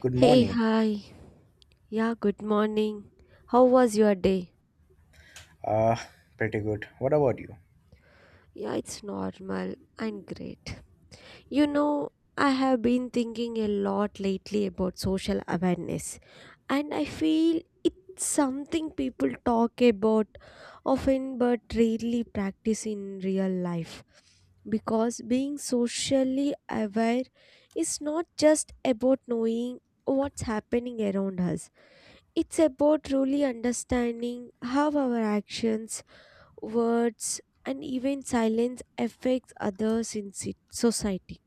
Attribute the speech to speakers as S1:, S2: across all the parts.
S1: Good
S2: Hey,
S1: morning.
S2: hi. Yeah, good morning. How was your day?
S1: Uh, Pretty good. What about you?
S2: Yeah, it's normal and great. You know, I have been thinking a lot lately about social awareness, and I feel it's something people talk about often but rarely practice in real life. Because being socially aware is not just about knowing what's happening around us. It's about truly understanding how our actions, words, and even silence affects others in society.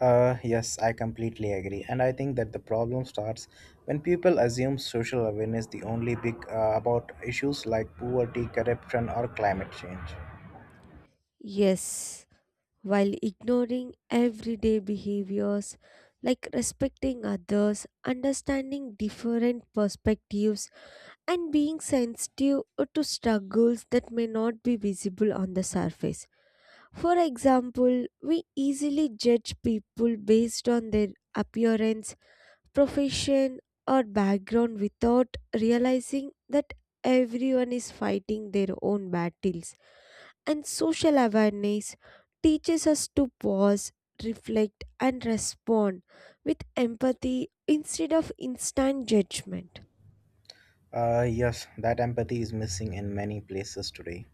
S1: Yes, I completely agree. And I think that the problem starts when people assume social awareness the only big about issues like poverty, corruption, or climate change.
S2: Yes, while ignoring everyday behaviors like respecting others, understanding different perspectives, and being sensitive to struggles that may not be visible on the surface. For example, we easily judge people based on their appearance, profession, or background without realizing that everyone is fighting their own battles. And social awareness teaches us to pause, reflect, and respond with empathy instead of instant judgment.
S1: Yes, that empathy is missing in many places today,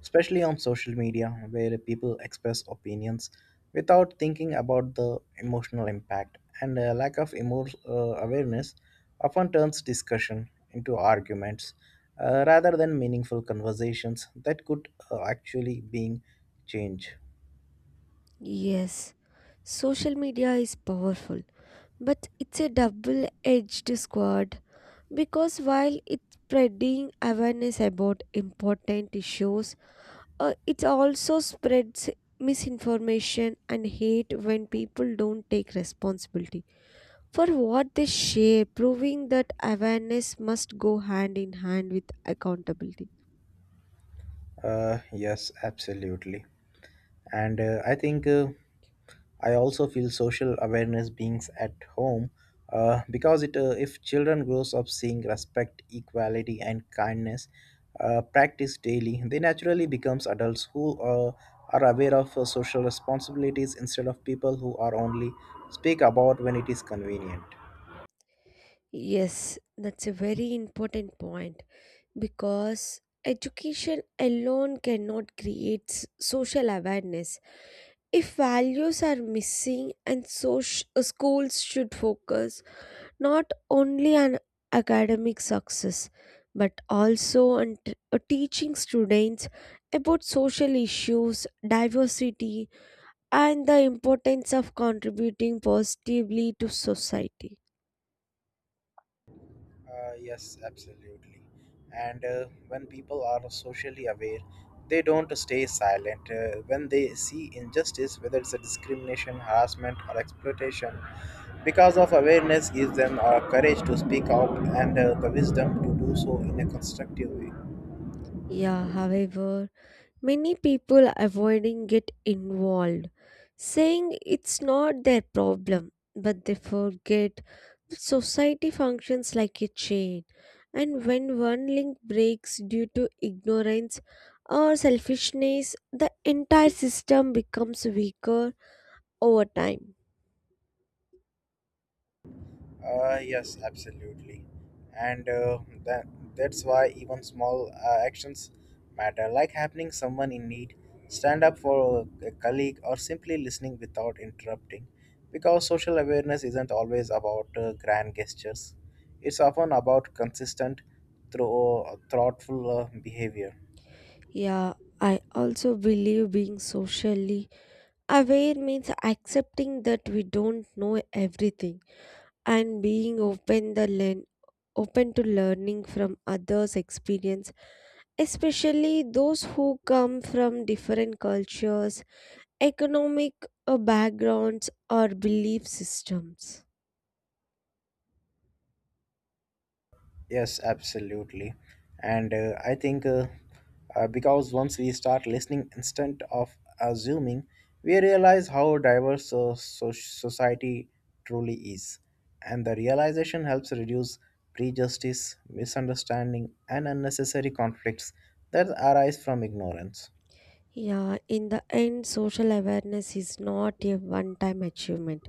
S1: especially on social media, where people express opinions without thinking about the emotional impact. And a lack of awareness often turns discussion into arguments rather than meaningful conversations that could actually being change.
S2: Yes, social media is powerful, but it's a double edged sword because while it's spreading awareness about important issues, it also spreads misinformation and hate when people don't take responsibility for what they share, proving that awareness must go hand in hand with accountability.
S1: Yes, absolutely. And I also feel social awareness beings at home because it if children grows up seeing respect, equality, and kindness practiced daily, they naturally becomes adults who are aware of social responsibilities instead of people who are only speak about when it is convenient.
S2: Yes, that's a very important point because education alone cannot create social awareness. If values are missing and so schools should focus not only an academic success but also an teaching students about social issues, diversity, and the importance of contributing positively to society.
S1: Yes, absolutely. And when people are socially aware, they don't stay silent. When they see injustice, whether it's a discrimination, harassment, or exploitation, because of awareness gives them courage to speak out and the wisdom to do so in a constructive way.
S2: Yeah, however, many people avoiding get involved, saying it's not their problem, but they forget that society functions like a chain, and when one link breaks due to ignorance or selfishness, the entire system becomes weaker over time.
S1: Yes, absolutely. And uh, that, that's why even small actions matter, like helping someone in need, stand up for a colleague, or simply listening without interrupting. Because social awareness isn't always about grand gestures, it's often about consistent, thoughtful behavior.
S2: Yeah, I also believe being socially aware means accepting that we don't know everything and being open to learning from others' experience, especially those who come from different cultures, economic backgrounds, or belief systems.
S1: Yes, absolutely. And I think because once we start listening instead of assuming, we realize how diverse society truly is. And the realization helps reduce prejudice, misunderstanding, and unnecessary conflicts that arise from ignorance.
S2: Yeah, in the end, social awareness is not a one time achievement,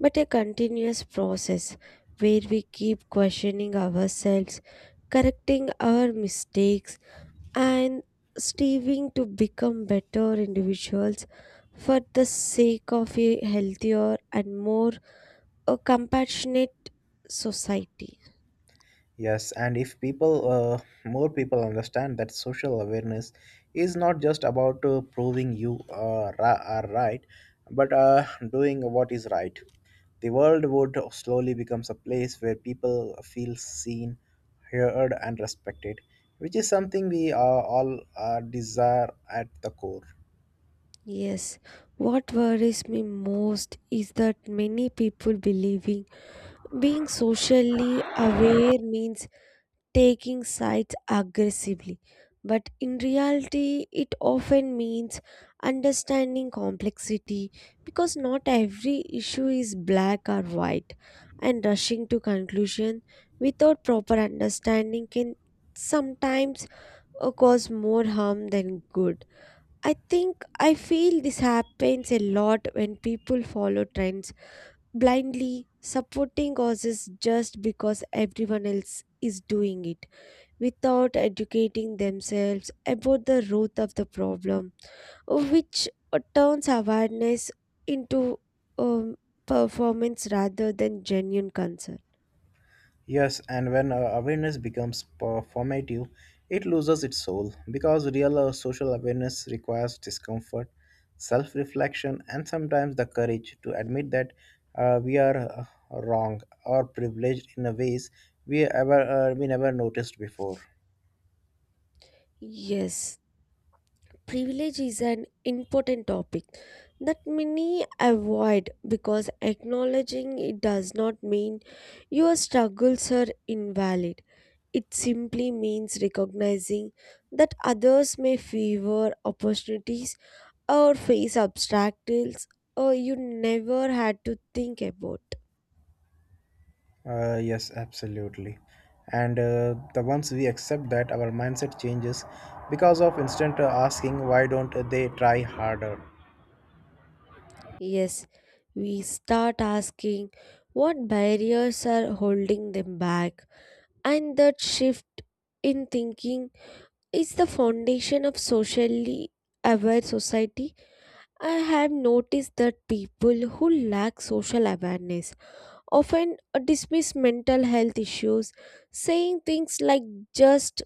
S2: but a continuous process where we keep questioning ourselves, correcting our mistakes, and striving to become better individuals for the sake of a healthier and more compassionate society.
S1: Yes, and if more people understand that social awareness is not just about proving you are right, but doing what is right, the world would slowly becomes a place where people feel seen, heard, and respected, which is something we all desire at the core.
S2: Yes, what worries me most is that many people believing being socially aware means taking sides aggressively, but in reality, it often means understanding complexity because not every issue is black or white, and rushing to conclusion without proper understanding can sometimes cause more harm than good. I think I feel this happens a lot when people follow trends blindly supporting causes just because everyone else is doing it without educating themselves about the root of the problem, which turns awareness into um, performance rather than genuine concern.
S1: Yes, and when awareness becomes performative, it loses its soul because real social awareness requires discomfort, self reflection, and sometimes the courage to admit that we are wrong or privileged in a ways we never noticed before.
S2: Yes, privilege is an important topic that many avoid because acknowledging it does not mean your struggles are invalid. It simply means recognizing that others may favor opportunities or face obstacles or you never had to think about.
S1: Yes, absolutely. And the once we accept that, our mindset changes because of instant asking, why don't they try harder?
S2: Yes, we start asking what barriers are holding them back, and that shift in thinking is the foundation of socially aware society. I have noticed that people who lack social awareness often dismiss mental health issues, saying things like just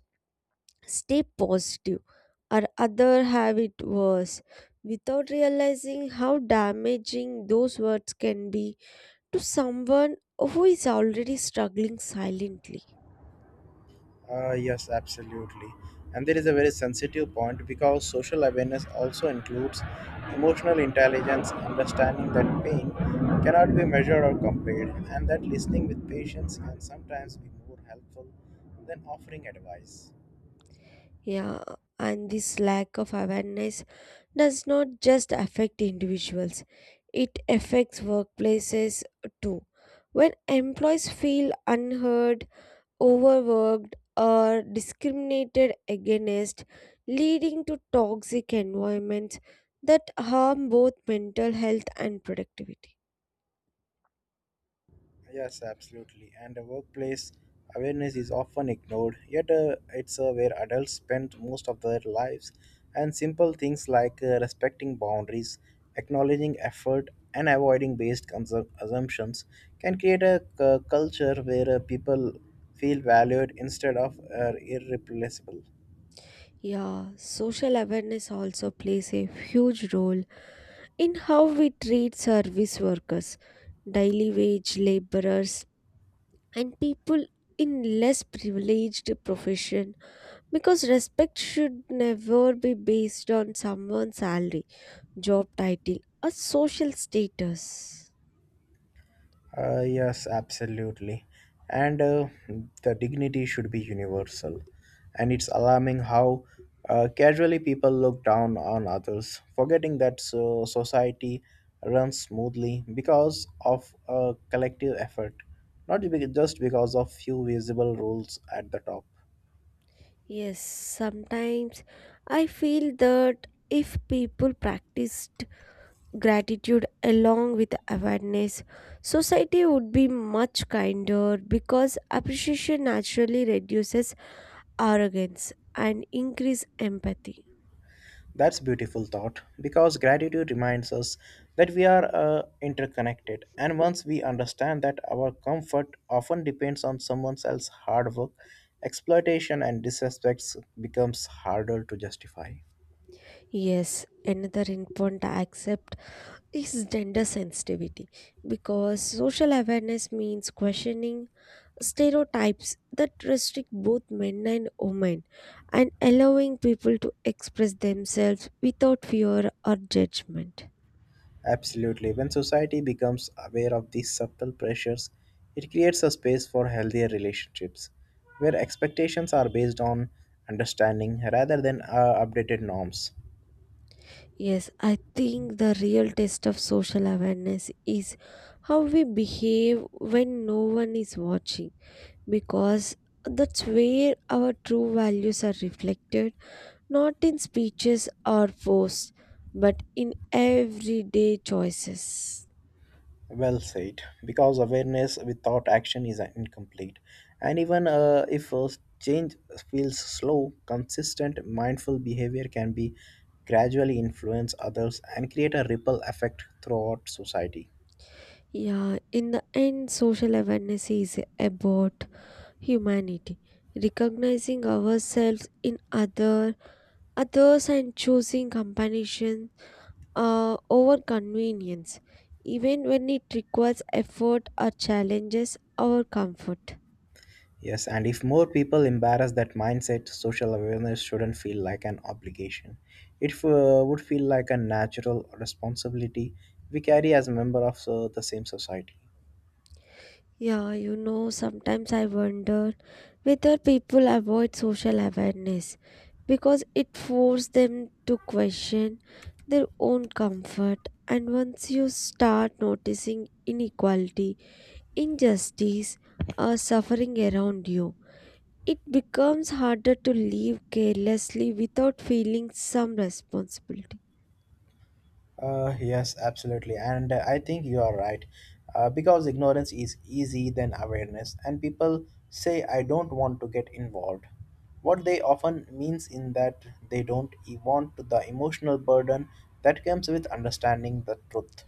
S2: stay positive or other have it worse, without realizing how damaging those words can be to someone who is already struggling silently.
S1: Yes, absolutely. And there is a very sensitive point because social awareness also includes emotional intelligence, understanding that pain cannot be measured or compared, and that listening with patience can sometimes be more helpful than offering advice.
S2: Yeah, and this lack of awareness does not just affect individuals, it affects workplaces too. When employees feel unheard, overworked or discriminated against, leading to toxic environments that harm both mental health and productivity.
S1: Yes, absolutely. And the workplace awareness is often ignored, yet, it's where adults spend most of their lives. And simple things like respecting boundaries, acknowledging effort, and avoiding assumptions can create a culture where people feel valued instead of irreplaceable.
S2: Yeah, social awareness also plays a huge role in how we treat service workers, daily wage laborers, and people in less privileged profession. Because respect should never be based on someone's salary, job title, or social status.
S1: Yes, absolutely. And the dignity should be universal. And it's alarming how casually people look down on others, forgetting that so society runs smoothly because of a collective effort, not be- just because of few visible rules at the top.
S2: Yes, sometimes I feel that if people practiced gratitude along with awareness, society would be much kinder because appreciation naturally reduces arrogance and increase empathy.
S1: That's beautiful thought because gratitude reminds us that we are interconnected and once we understand that our comfort often depends on someone else's hard work exploitation and disrespect becomes harder to justify.
S2: Yes, another important aspect is gender sensitivity because social awareness means questioning stereotypes that restrict both men and women and allowing people to express themselves without fear or judgment.
S1: Absolutely. When society becomes aware of these subtle pressures, it creates a space for healthier relationships where expectations are based on understanding rather than updated norms.
S2: Yes, I think the real test of social awareness is how we behave when no one is watching because that's where our true values are reflected not in speeches or posts, but in everyday choices.
S1: Well said, because awareness without action is incomplete. And even if change feels slow, consistent, mindful behavior can be gradually influence others and create a ripple effect throughout society.
S2: Yeah, in the end, social awareness is about humanity, recognizing ourselves in other others and choosing compassion over convenience, even when it requires effort or challenges our comfort.
S1: Yes, and if more people embrace that mindset, social awareness shouldn't feel like an obligation. It would feel like a natural responsibility we carry as a member of the same society.
S2: Yeah, sometimes I wonder whether people avoid social awareness because it forces them to question their own comfort. And once you start noticing inequality, injustice, or suffering around you, it becomes harder to live carelessly without feeling some responsibility.
S1: Yes, absolutely. And I think you are right. Because ignorance is easy than awareness, and people say, I don't want to get involved. What they often means in that they don't want the emotional burden that comes with understanding the truth.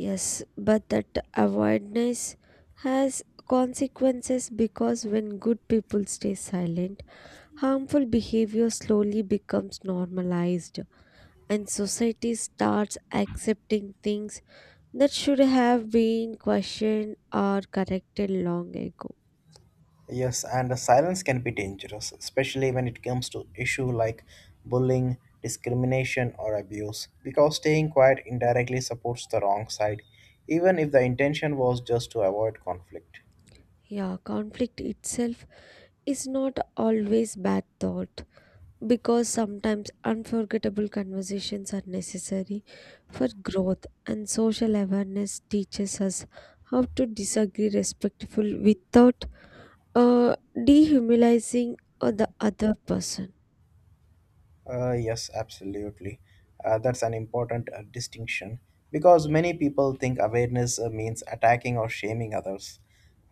S2: Yes, but that avoidance has consequences because when good people stay silent, harmful behavior slowly becomes normalized and society starts accepting things that should have been questioned or corrected long ago.
S1: Yes, and the silence can be dangerous, especially when it comes to issue like bullying, discrimination, or abuse, because staying quiet indirectly supports the wrong side, even if the intention was just to avoid conflict.
S2: Yeah, conflict itself is not always bad thought. Because sometimes unforgettable conversations are necessary for growth and social awareness teaches us how to disagree respectful without uh, dehumanizing the other person.
S1: Yes, absolutely. That's an important distinction because many people think awareness means attacking or shaming others,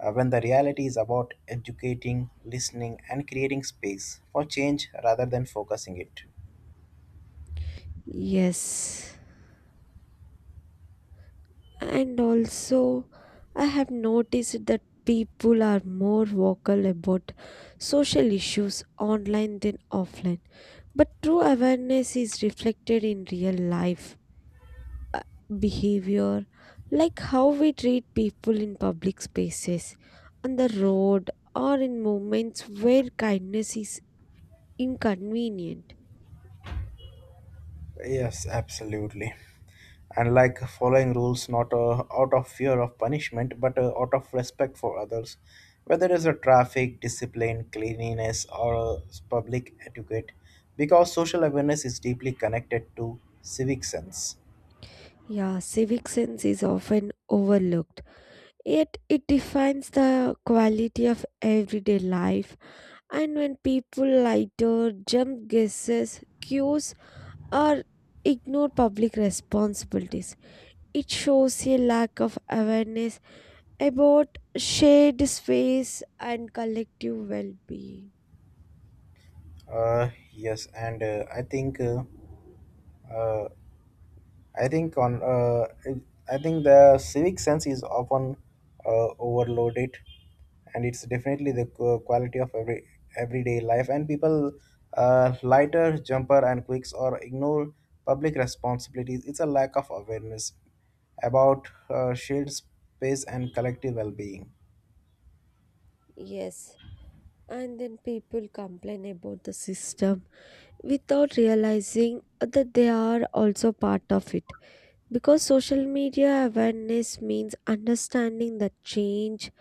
S1: when the reality is about educating, listening, and creating space for change rather than focusing it.
S2: Yes, and also I have noticed that people are more vocal about social issues online than offline but true awareness is reflected in real life behavior, like how we treat people in public spaces, on the road, or in moments where kindness is inconvenient.
S1: Yes, absolutely. And like following rules not out of fear of punishment but out of respect for others whether it's a traffic discipline cleanliness or public etiquette because social awareness is deeply connected to civic sense.
S2: Yeah, civic sense is often overlooked, yet it defines the quality of everyday life. And when people lighter jump guesses, cues, or ignore public responsibilities, it shows a lack of awareness about shared space and collective well being.
S1: Yes, and I think uh, I think on I think the civic sense is often overloaded, and it's definitely the quality of everyday life. And people lighter jumper and quicks or ignore public responsibilities. It's a lack of awareness about shared space and collective well-being.
S2: Yes, and then people complain about the system without realizing that they are also part of it. Because social media awareness means understanding that change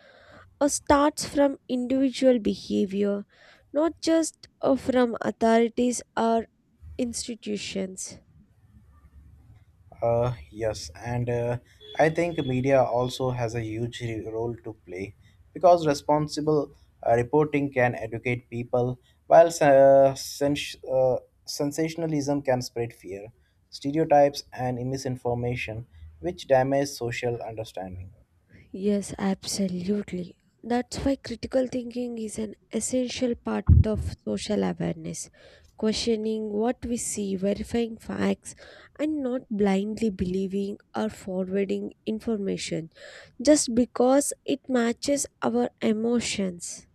S2: starts from individual behavior, not just from authorities or institutions.
S1: Yes, and I think media also has a huge role to play because responsible reporting can educate people, while sensationalism can spread fear, stereotypes, and misinformation, which damage social understanding.
S2: Yes, absolutely. That's why critical thinking is an essential part of social awareness. Questioning what we see, verifying facts, and not blindly believing or forwarding information just because it matches our emotions.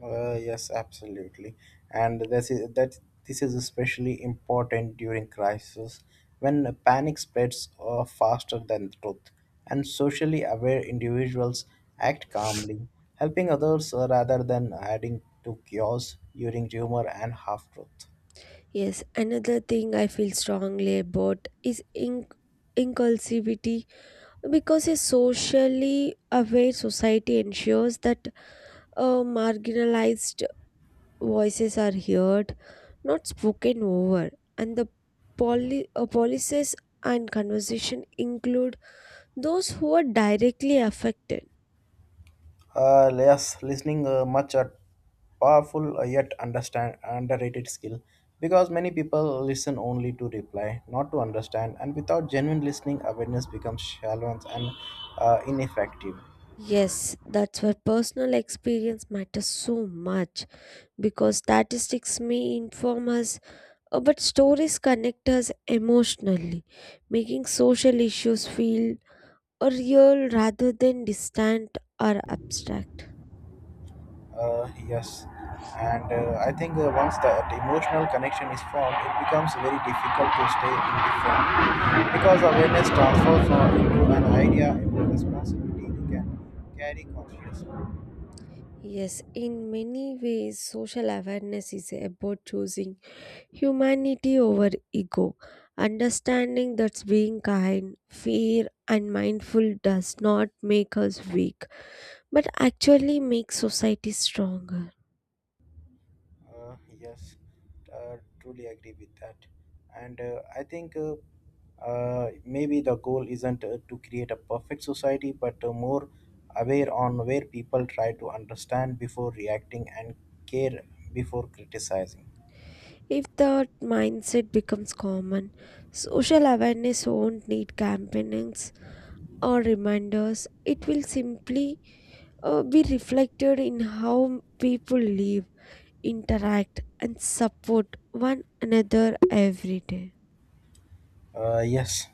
S1: Yes, absolutely. And this is especially important during crisis when panic spreads faster than truth, and socially aware individuals act calmly, helping others rather than adding to chaos during rumor and half-truth.
S2: Yes, another thing I feel strongly about is inculsivity because a socially aware society ensures that marginalized voices are heard, not spoken over, and the policies and conversation include those who are directly affected.
S1: Yes, listening much a powerful yet understand underrated skill because many people listen only to reply, not to understand, and without genuine listening, awareness becomes shallow and ineffective.
S2: Yes, that's why personal experience matters so much because statistics may inform us, but stories connect us emotionally, making social issues feel real rather than distant or abstract.
S1: Yes, and I think once that emotional connection is formed, it becomes very difficult to stay indifferent because awareness transfers from into an idea into a responsibility you can carry consciously.
S2: Yes, in many ways, social awareness is about choosing humanity over ego, understanding that being kind, fair, and mindful does not make us weak, but actually makes society stronger.
S1: Yes, truly agree with that. And I think maybe the goal isn't to create a perfect society, but more aware on where people try to understand before reacting and care before criticizing.
S2: If that mindset becomes common, social awareness won't need campaigns or reminders. It will simply be reflected in how people live, interact, and support one another every day.
S1: Yes,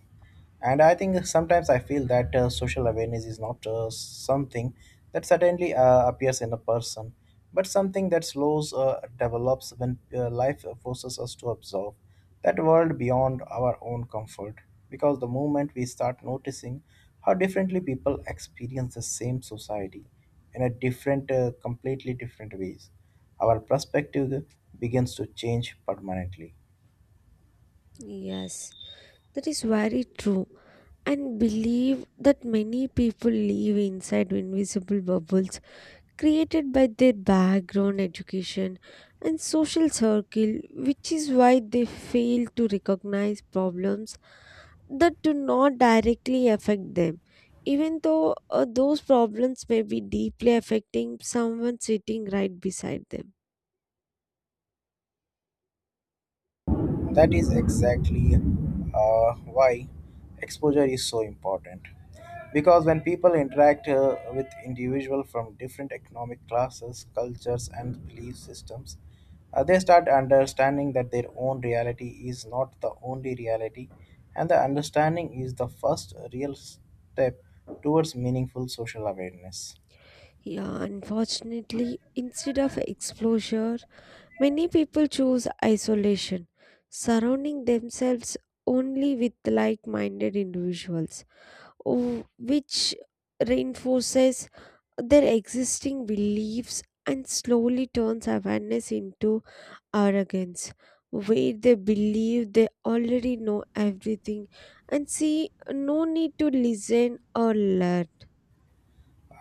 S1: and I think sometimes I feel that social awareness is not something that suddenly appears in a person, but something that slows develops when life forces us to observe that world beyond our own comfort. Because the moment we start noticing how differently people experience the same society in a completely different ways, our perspective begins to change permanently.
S2: Yes, that is very true. And believe that many people live inside invisible bubbles created by their background, education, and social circle, which is why they fail to recognize problems that do not directly affect them, even though those problems may be deeply affecting someone sitting right beside them.
S1: That is exactly why exposure is so important. Because when people interact with individuals from different economic classes, cultures, and belief systems, they start understanding that their own reality is not the only reality, and the understanding is the first real step towards meaningful social awareness.
S2: Yeah, unfortunately, instead of exposure, many people choose isolation, surrounding themselves only with like minded individuals, which reinforces their existing beliefs and slowly turns awareness into arrogance, where they believe they already know everything and see no need to listen or learn.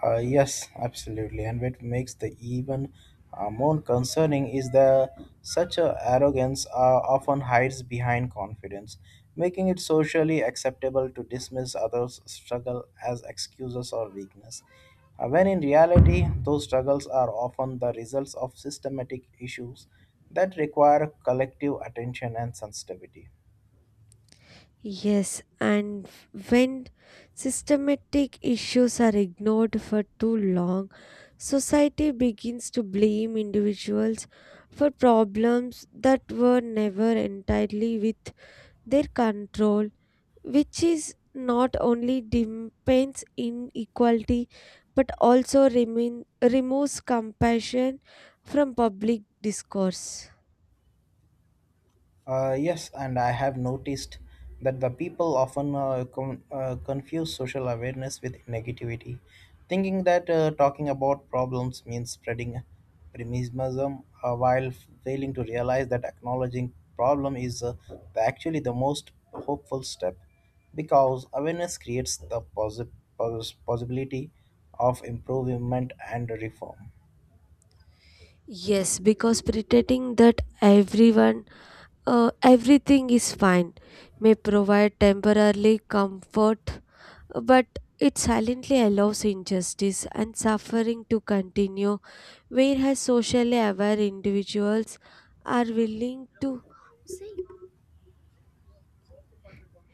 S1: Yes, absolutely. And what makes the even more concerning is the such a arrogance often hides behind confidence, making it socially acceptable to dismiss others' struggle as excuses or weakness. When in reality, those struggles are often the results of systematic issues that require collective attention and sensitivity.
S2: Yes, and when systematic issues are ignored for too long, society begins to blame individuals for problems that were never entirely with their control, which is not only deepens inequality but also remain, removes compassion from public discourse.
S1: Yes, and I have noticed that the people often confuse social awareness with negativity, thinking that talking about problems means spreading pessimism, while failing to realize that acknowledging problem is actually the most hopeful step, because awareness creates the possibility of improvement and reform.
S2: Yes, because pretending that everything is fine may provide temporarily comfort, but it silently allows injustice and suffering to continue, whereas socially aware individuals are willing to,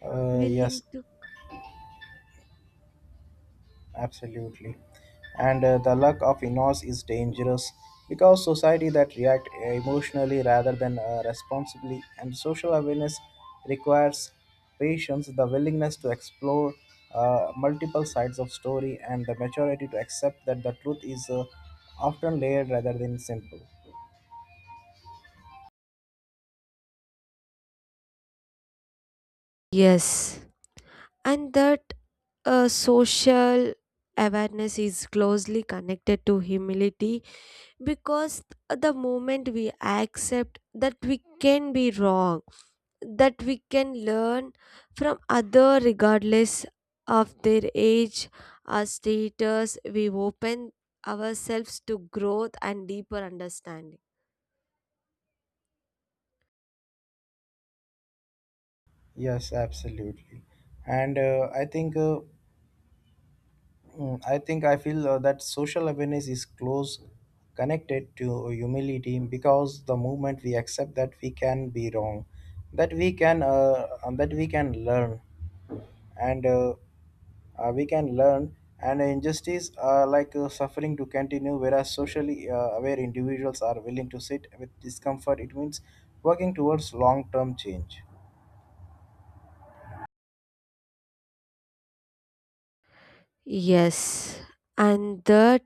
S1: Uh,
S2: willing
S1: yes,
S2: to,
S1: Absolutely. And the luck of inos is dangerous because society that react emotionally rather than responsibly and social awareness requires patience, the willingness to explore multiple sides of story and the maturity to accept that the truth is often layered rather than simple.
S2: yes, and that social awareness is closely connected to humility because the moment we accept that we can be wrong, that we can learn from other regardless of their age or status, we open ourselves to growth and deeper understanding.
S1: Yes, absolutely. And I think Mm, I think I feel that social awareness is close connected to humility because the moment we accept that we can be wrong, that we can learn, and uh, and injustice like suffering to continue. Whereas socially aware individuals are willing to sit with discomfort, it means working towards long-term change.
S2: Yes, and that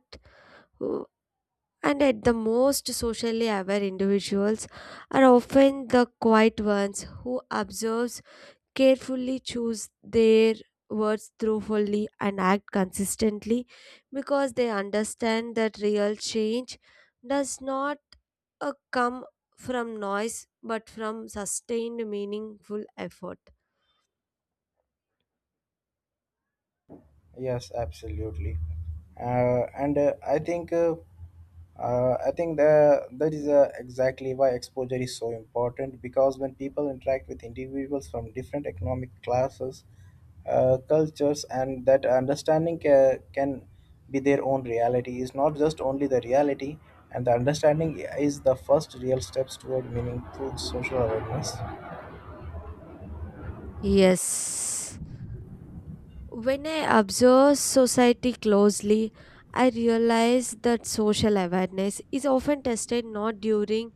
S2: and at the most socially aware individuals are often the quiet ones who observe carefully, choose their words thoughtfully, and act consistently because they understand that real change does not uh, come from noise but from sustained meaningful effort.
S1: Yes, absolutely. And I think the, that is exactly why exposure is so important because when people interact with individuals from different economic classes, cultures, and that understanding can be their own reality is not just only the reality, and the understanding is the first real steps toward meaningful social awareness.
S2: Yes, when I observe society closely, I realize that social awareness is often tested not during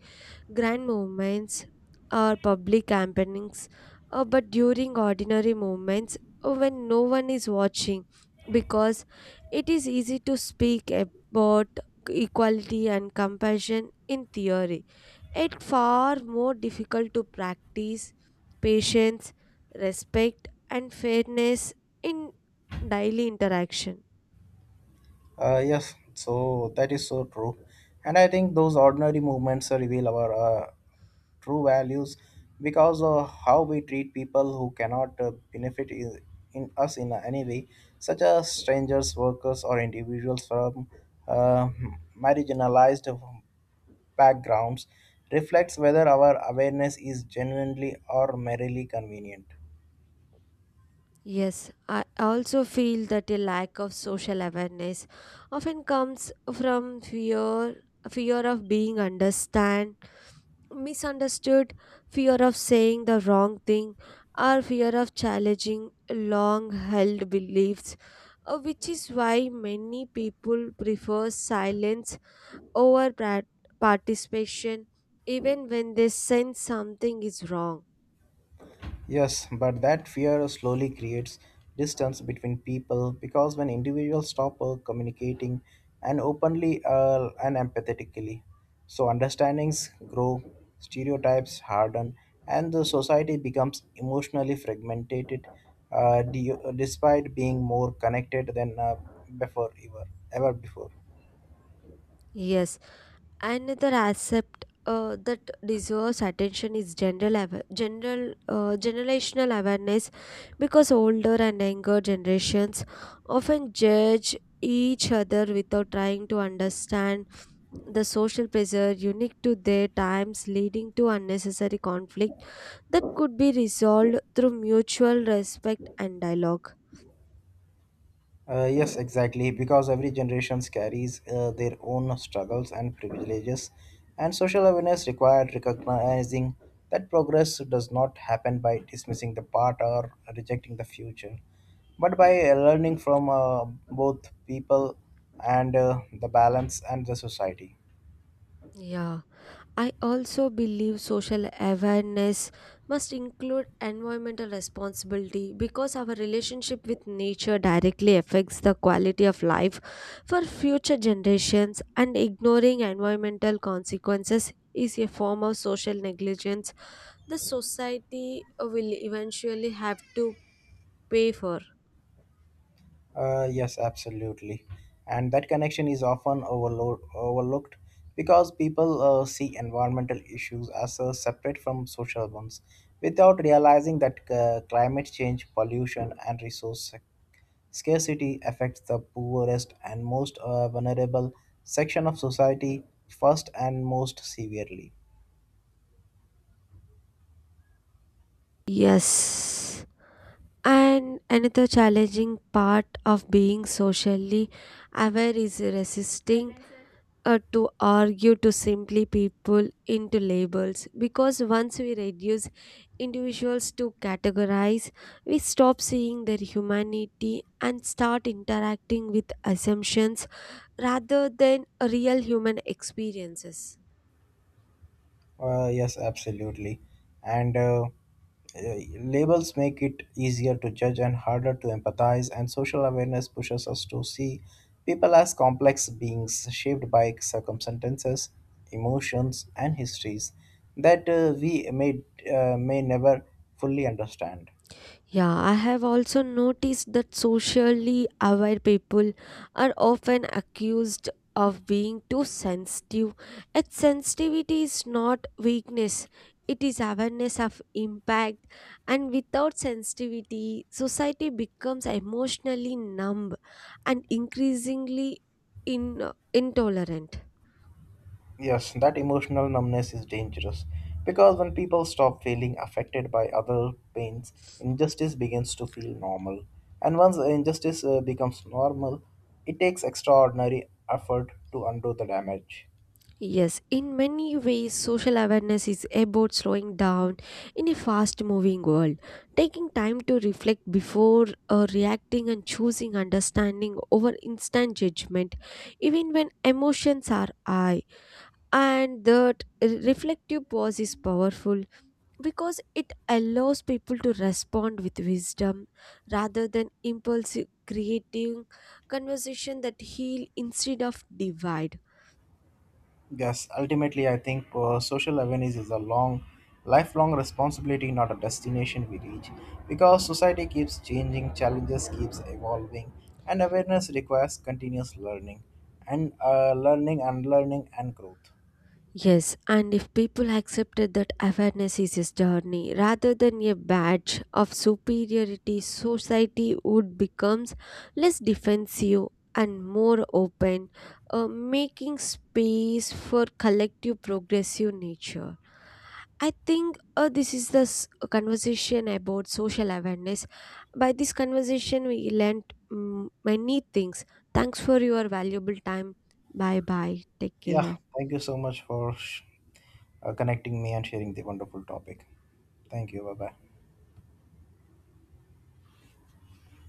S2: grand movements or public campaignings, but during ordinary movements when no one is watching, because it is easy to speak about equality and compassion in theory. It far more difficult to practice patience, respect, and fairness in daily interaction.
S1: Yes, so that is so true. And I think those ordinary movements reveal our true values because of how we treat people who cannot benefit in us in any way, such as strangers, workers, or individuals from uh, marginalized backgrounds, reflects whether our awareness is genuinely or merely convenient.
S2: Yes, I also feel that a lack of social awareness often comes from fear of being misunderstood, fear of saying the wrong thing, or fear of challenging long held beliefs, which is why many people prefer silence over participation even when they sense something is wrong.
S1: Yes, but that fear slowly creates distance between people because when individuals stop communicating and openly and empathetically, so understandings grow, stereotypes harden, and the society becomes emotionally fragmented, despite being more connected than before ever, ever before.
S2: Yes, another aspect that deserves attention is general awa- general generational awareness because older and younger generations often judge each other without trying to understand the social pressure unique to their times leading to unnecessary conflict that could be resolved through mutual respect and dialogue.
S1: Yes, exactly, because every generation carries their own struggles and privileges, and social awareness required recognizing that progress does not happen by dismissing the part or rejecting the future, but by learning from both people and the balance and the society.
S2: Yeah, I also believe social awareness must include environmental responsibility because our relationship with nature directly affects the quality of life for future generations, and ignoring environmental consequences is a form of social negligence the society will eventually have to pay for.
S1: Yes, absolutely. And that connection is often overlooked because people see environmental issues as separate from social ones without realizing that climate change, pollution, and scarcity affects the poorest and most vulnerable section of society first and most severely.
S2: Yes. And another challenging part of being socially aware is resisting to argue to simply people into labels because once we reduce individuals to categorize we stop seeing their humanity and start interacting with assumptions rather than real human experiences.
S1: Yes, absolutely. And labels make it easier to judge and harder to empathize, and social awareness pushes us to see people as complex beings shaped by circumstances, emotions, and histories that may never fully understand.
S2: Yeah, I have also noticed that socially aware people are often accused of being too sensitive. Yet sensitivity is not weakness, it is awareness of impact. And without sensitivity, society becomes emotionally numb and increasingly intolerant.
S1: Yes, that emotional numbness is dangerous because when people stop feeling affected by other pains, injustice begins to feel normal. And once the injustice becomes normal, it takes extraordinary effort to undo the damage.
S2: Yes, in many ways, social awareness is about slowing down in a fast moving world, taking time to reflect before reacting and choosing understanding over instant judgment, even when emotions are high. And that reflective pause is powerful because it allows people to respond with wisdom rather than impulsive, creating conversation that heal instead of divide.
S1: Yes, ultimately, I think social awareness is a long, lifelong responsibility, not a destination we reach. Because society keeps changing, challenges keeps evolving, and awareness requires continuous learning, and learning and growth.
S2: Yes, and if people accepted that awareness is a journey rather than a badge of superiority, society would become less defensive and more open, making space for collective progressive nature. I think this is the conversation about social awareness. By this conversation, we learnt many things. Thanks for your valuable time. Bye bye. Take
S1: Yeah,
S2: care.
S1: thank you so much for connecting me and sharing the wonderful topic. Thank you. Bye bye.